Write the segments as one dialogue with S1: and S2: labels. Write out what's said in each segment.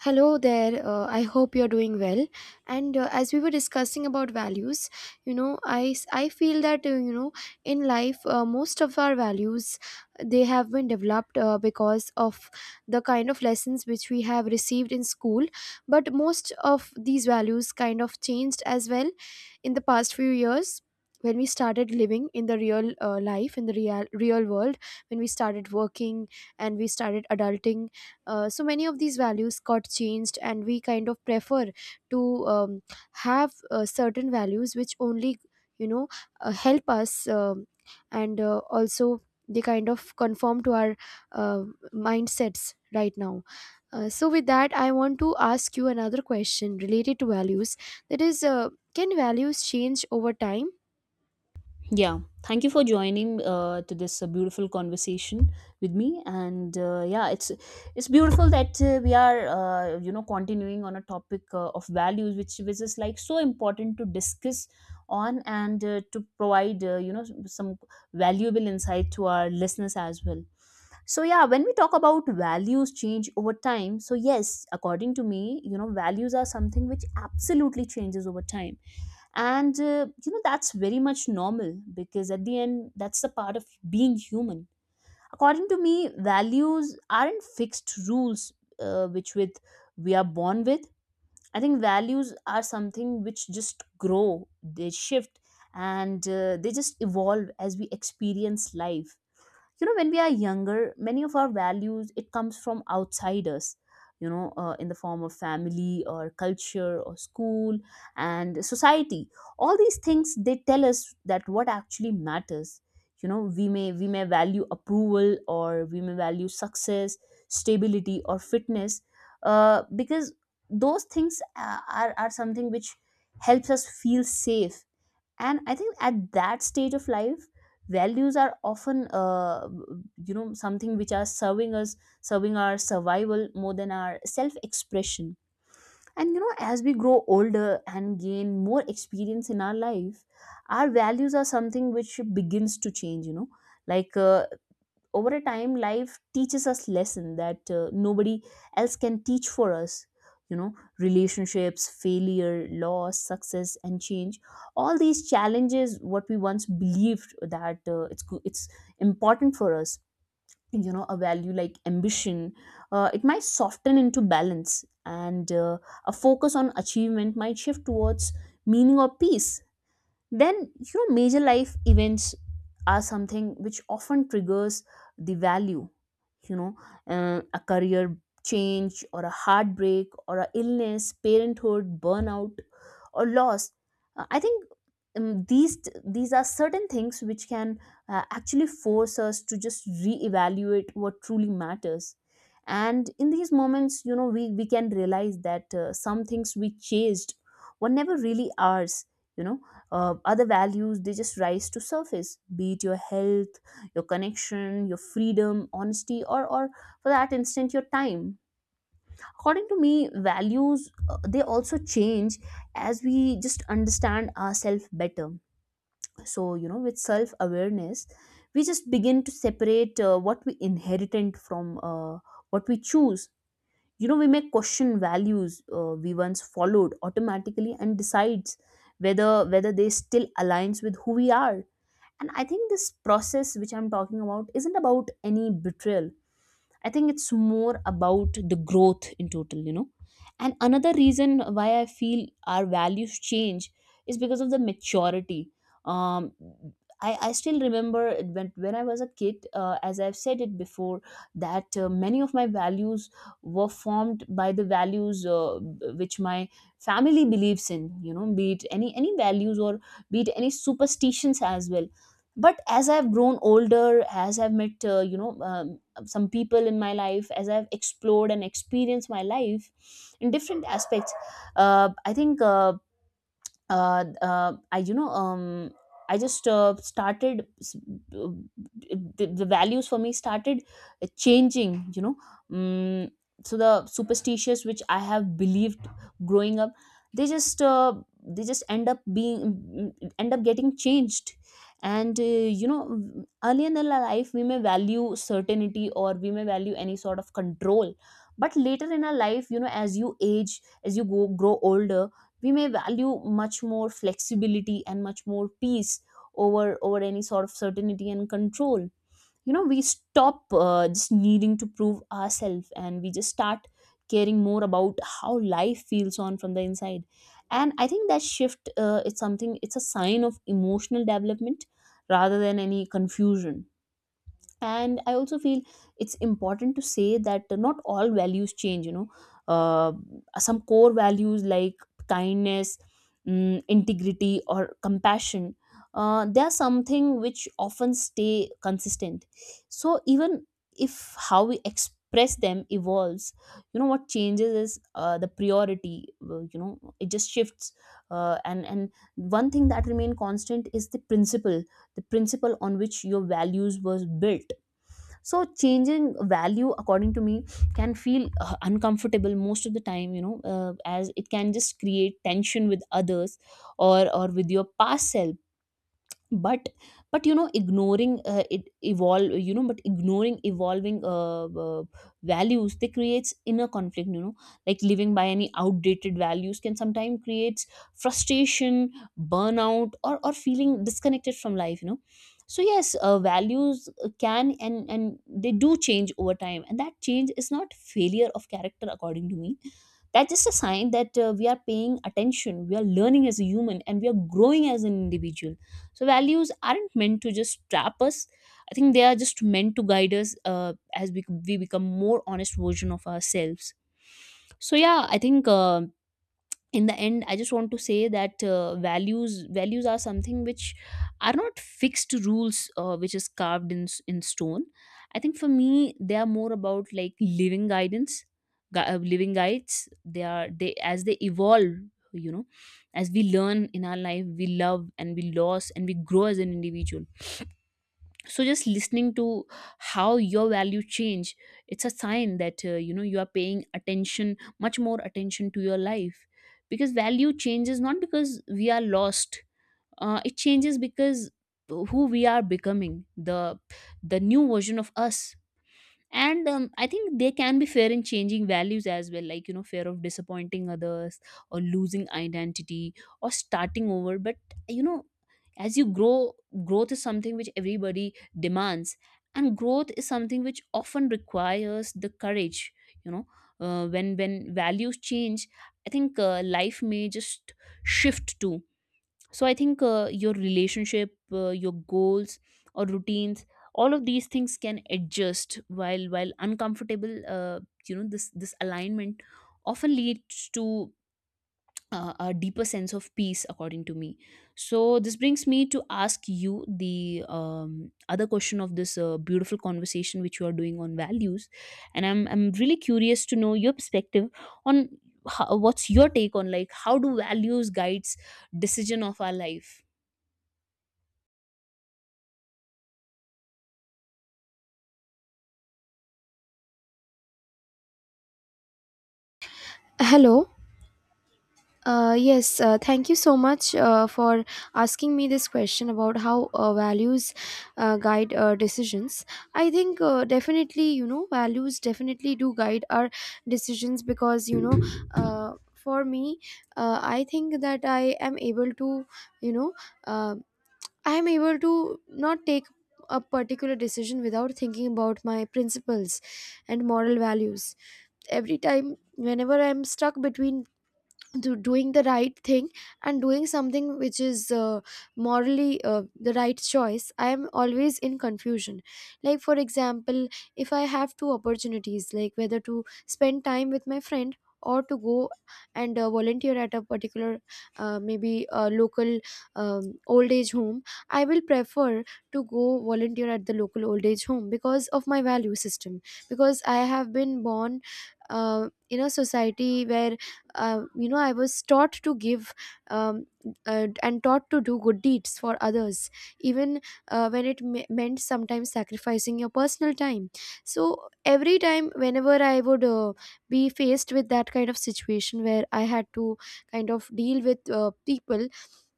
S1: Hello there. I hope you're doing well. And as we were discussing about values, I feel that in life most of our values, they have been developed because of the kind of lessons which we have received in school. But most of these values kind of changed as well in the past few years when we started living in the real life, in the real world, when we started working and we started adulting. So many of these values got changed, and we kind of prefer to have certain values which only, you know help us, and also they kind of conform to our uh, mindsets right now. So with that, I want to ask you another question related to values. That is, can values change over time?
S2: Yeah, thank you for joining to this beautiful conversation with me. And yeah, it's beautiful that we are continuing on a topic of values, which is like so important to discuss on and to provide some valuable insight to our listeners as well. So yeah, when we talk about values change over time, so yes, according to me, you know values are something which absolutely changes over time and you know that's very much normal because at the end that's the part of being human. According to me, values aren't fixed rules which with we are born with. I think values are something which just grow, they shift, and they just evolve as we experience life. You know, when we are younger, many of our values, it comes from outside us, you know, in the form of family or culture or school and society. All these things, they tell us that what actually matters. You know, we may value approval, or we may value success, stability or fitness, because those things are something which helps us feel safe. And I think at that stage of life, values are often, something which are serving us, serving our survival more than our self expression. And you know, as we grow older and gain more experience in our life, our values are something which begins to change, you know, like, over a time, life teaches us lesson that nobody else can teach for us, you know. Relationships, failure, loss, success and change, all these challenges what we once believed that it's important for us. You know, a value like ambition, it might soften into balance, and a focus on achievement might shift towards meaning or peace. Then you know, major life events are something which often triggers the value, you know. A career change or a heartbreak or a illness, parenthood, burnout or loss. I think, um, these these are certain things which can actually force us to just reevaluate what truly matters. And in these moments, you know, we can realize that some things we chased were never really ours, you know. Other values, they just rise to surface, be it your health, your connection, your freedom, honesty, or for that instant, your time. According to me, values, they also change as we just understand ourselves better. So you know, with self awareness, we just begin to separate what we inherited from what we choose. You know, we may question values we once followed automatically, and decides whether they still aligns with who we are. And I think this process which I'm talking about isn't about any betrayal. I think it's more about the growth in total, you know. And another reason why I feel our values change is because of the maturity. Um, I still remember it when I was a kid, as I've said it before, that many of my values were formed by the values which my family believes in, you know, be it any values or be it any superstitions as well. But as I've grown older, as I've met, some people in my life, as I've explored and experienced my life in different aspects, I think I you know I just started s- uh, the values for me started changing, you know. Mm. So the superstitious which I have believed growing up, they just, end up being, end up getting changed. And you know, early in our life, we may value certainty, or we may value any sort of control. But later in our life, you know, as you age, as you go grow older, we may value much more flexibility and much more peace over any sort of certainty and control. You know, we stop just needing to prove ourselves, and we just start caring more about how life feels on from the inside. And I think that shift, it's something, it's a sign of emotional development rather than any confusion. And I also feel it's important to say that not all values change, you know. uh, some core values like kindness, integrity or compassion, they are something which often stay consistent. So even if how we express them evolves, you know, what changes is the priority, you know, it just shifts. And one thing that remain constant is the principle, the principle on which your values was built. So changing value, according to me, can feel uncomfortable most of the time, you know, as it can just create tension with others or with your past self. But you know, ignoring it evolve, you know, but ignoring evolving values, they creates inner conflict, you know. Like living by any outdated values can sometimes creates frustration, burnout or feeling disconnected from life, you know. So yes, values can, and they do change over time, and that change is not failure of character, according to me. That's just a sign that we are paying attention, we are learning as a human, and we are growing as an individual. So values aren't meant to just trap us. I think they are just meant to guide us as we become more honest version of ourselves. So yeah, I think, in the end, I just want to say that values are something which are not fixed rules which is carved in in stone. I think for me, they are more about like living guidance, living guides. They as they evolve, you know, as we learn in our life, we love and we lose and we grow as an individual. So just listening to how your value change, it's a sign that you know, you are paying attention much more attention to your life. Because value changes not because we are lost, it changes because who we are becoming, the new version of us. And I think they can be fair in changing values as well, like you know, fear of disappointing others or losing identity or starting over. But you know, as you grow, growth is something which everybody demands, and growth is something which often requires the courage, you know. When values change, I think life may just shift too. So I think your relationship, your goals or routines, all of these things can adjust. While uncomfortable, you know, this alignment often leads to a deeper sense of peace, according to me. So this brings me to ask you the um, other question of this beautiful conversation which you are doing on values. And I'm really curious to know your perspective on how, what's your take on like how do values guides decision of our life.
S1: Hello. Yes, thank you so much for asking me this question about how values guide decisions. I think definitely, you know, values definitely do guide our decisions because, for me, I think that I am able to, you know, uh, I am able to not take a particular decision without thinking about my principles and moral values. Every time whenever I'm stuck between doing the right thing and doing something which is morally the right choice, I am always in confusion. Like for example, if I have two opportunities, like whether to spend time with my friend or to go and volunteer at a particular, maybe a local, old age home, I will prefer to go volunteer at the local old age home because of my value system, because I have been born in a society where, I was taught to give, um, and taught to do good deeds for others, even when it meant sometimes sacrificing your personal time. So every time whenever I would be faced with that kind of situation where I had to kind of deal with people,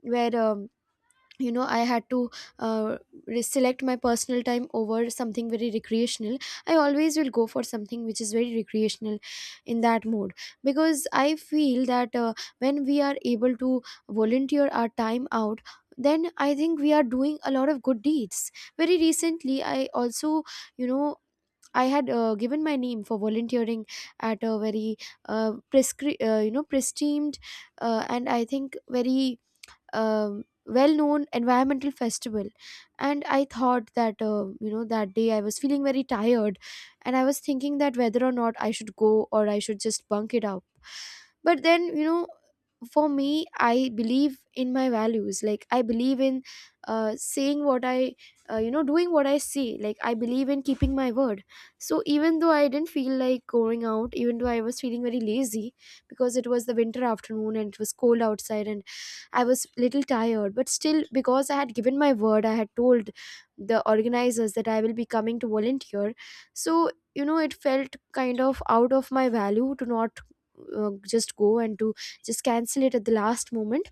S1: where I had to uh, select my personal time over something very recreational, I always will go for something which is very recreational in that mode, because I feel that when we are able to volunteer our time out, then I think we are doing a lot of good deeds. Very recently I also, you know, I had given my name for volunteering at a very prestimed, and I think very well-known environmental festival. And I thought that, that day I was feeling very tired and I was thinking that whether or not I should go or I should just bunk it out. But then, you know, for me, I believe in my values. Like I believe in saying what I, doing what I say. Like I believe in keeping my word. So even though I didn't feel like going out, even though I was feeling very lazy, because it was the winter afternoon and it was cold outside and I was little tired, but still because I had given my word, I had told the organizers that I will be coming to volunteer. So you know, it felt kind of out of my value to not just go and to just cancel it at the last moment.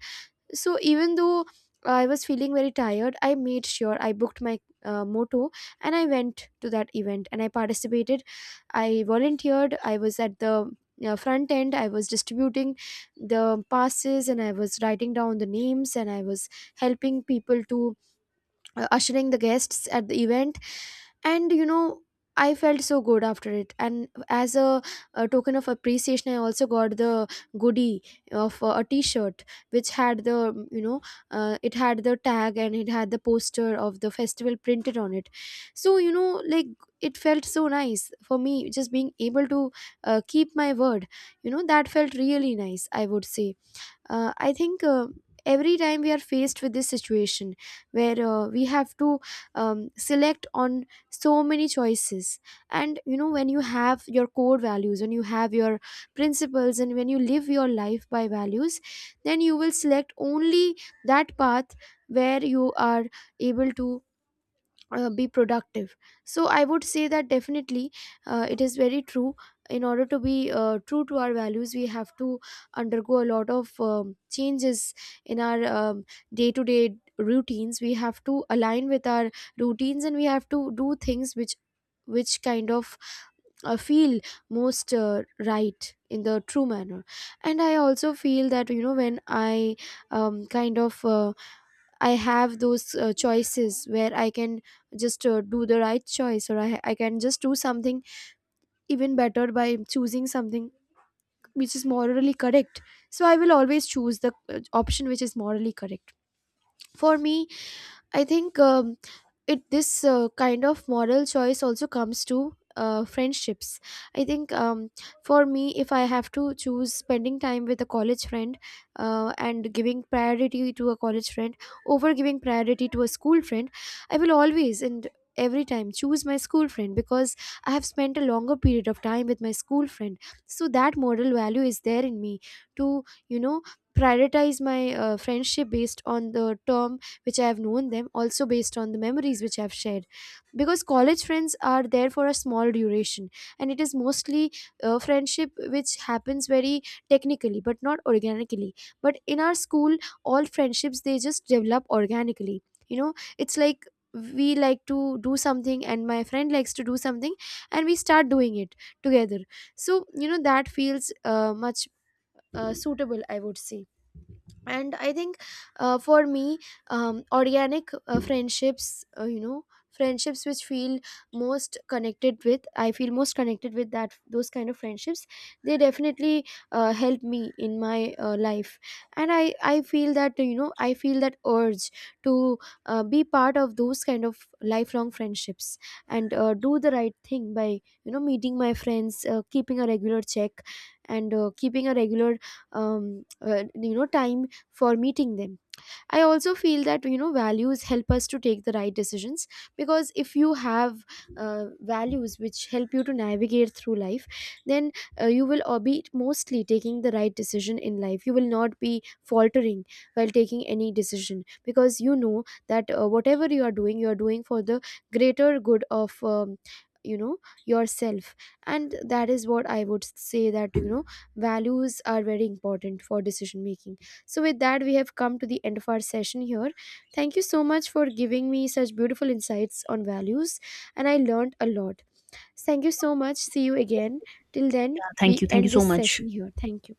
S1: So even though I was feeling very tired, I made sure I booked my moto and I went to that event and I participated. I volunteered. I was at the front end. I was distributing the passes and I was writing down the names and I was helping people to ushering the guests at the event. And you know, I felt so good after it, and as a token of appreciation, I also got the goodie of a t-shirt which had, the you know, it had the tag and it had the poster of the festival printed on it. So you know, like, it felt so nice for me just being able to keep my word. You know, that felt really nice, I would say. I think every time we are faced with this situation where we have to select on so many choices. And you know, when you have your core values, when you have your principles and when you live your life by values, then you will select only that path where you are able to be productive. So I would say that definitely it is very true. In order to be true to our values, we have to undergo a lot of changes in our day-to-day routines. We have to align with our routines and we have to do things which kind of feel most right in the true manner. And I also feel that, you know, when I um, kind of uh, I have those choices where I can just do the right choice, or I can just do something even better by choosing something which is morally correct. So I will always choose the option which is morally correct. For me, I think it, this kind of moral choice also comes to friendships. I think for me, if I have to choose spending time with a college friend and giving priority to a college friend over giving priority to a school friend, I will always and every time choose my school friend, because I have spent a longer period of time with my school friend. So that moral value is there in me to, you know, prioritize my friendship based on the term which I have known them, also based on the memories which I've shared. Because college friends are there for a small duration, and it is mostly friendship which happens very technically but not organically. But in our school, all friendships, they just develop organically. You know, it's like we like to do something and my friend likes to do something and we start doing it together. So you know, that feels much suitable, I would say. And I think for me, organic friendships, you know, friendships which feel most connected with, I feel most connected with that, those kind of friendships, they definitely help me in my life. And I feel that, you know, I feel that urge to be part of those kind of lifelong friendships and do the right thing by, you know, meeting my friends, keeping a regular check and keeping a regular time for meeting them. I also feel that, you know, values help us to take the right decisions, because if you have values which help you to navigate through life, then you will be mostly taking the right decision in life. You will not be faltering while taking any decision, because you know that whatever you are doing for the greater good of. You know, yourself. And that is what I would say, that you know, values are very important for decision making. So, with that, we have come to the end of our session here. Thank you so much for giving me such beautiful insights on values, and I learned a lot. Thank you so much. See you again. Till then,
S2: Thank
S1: we
S2: you, thank you
S1: end
S2: so
S1: this
S2: much.
S1: session here. Thank you.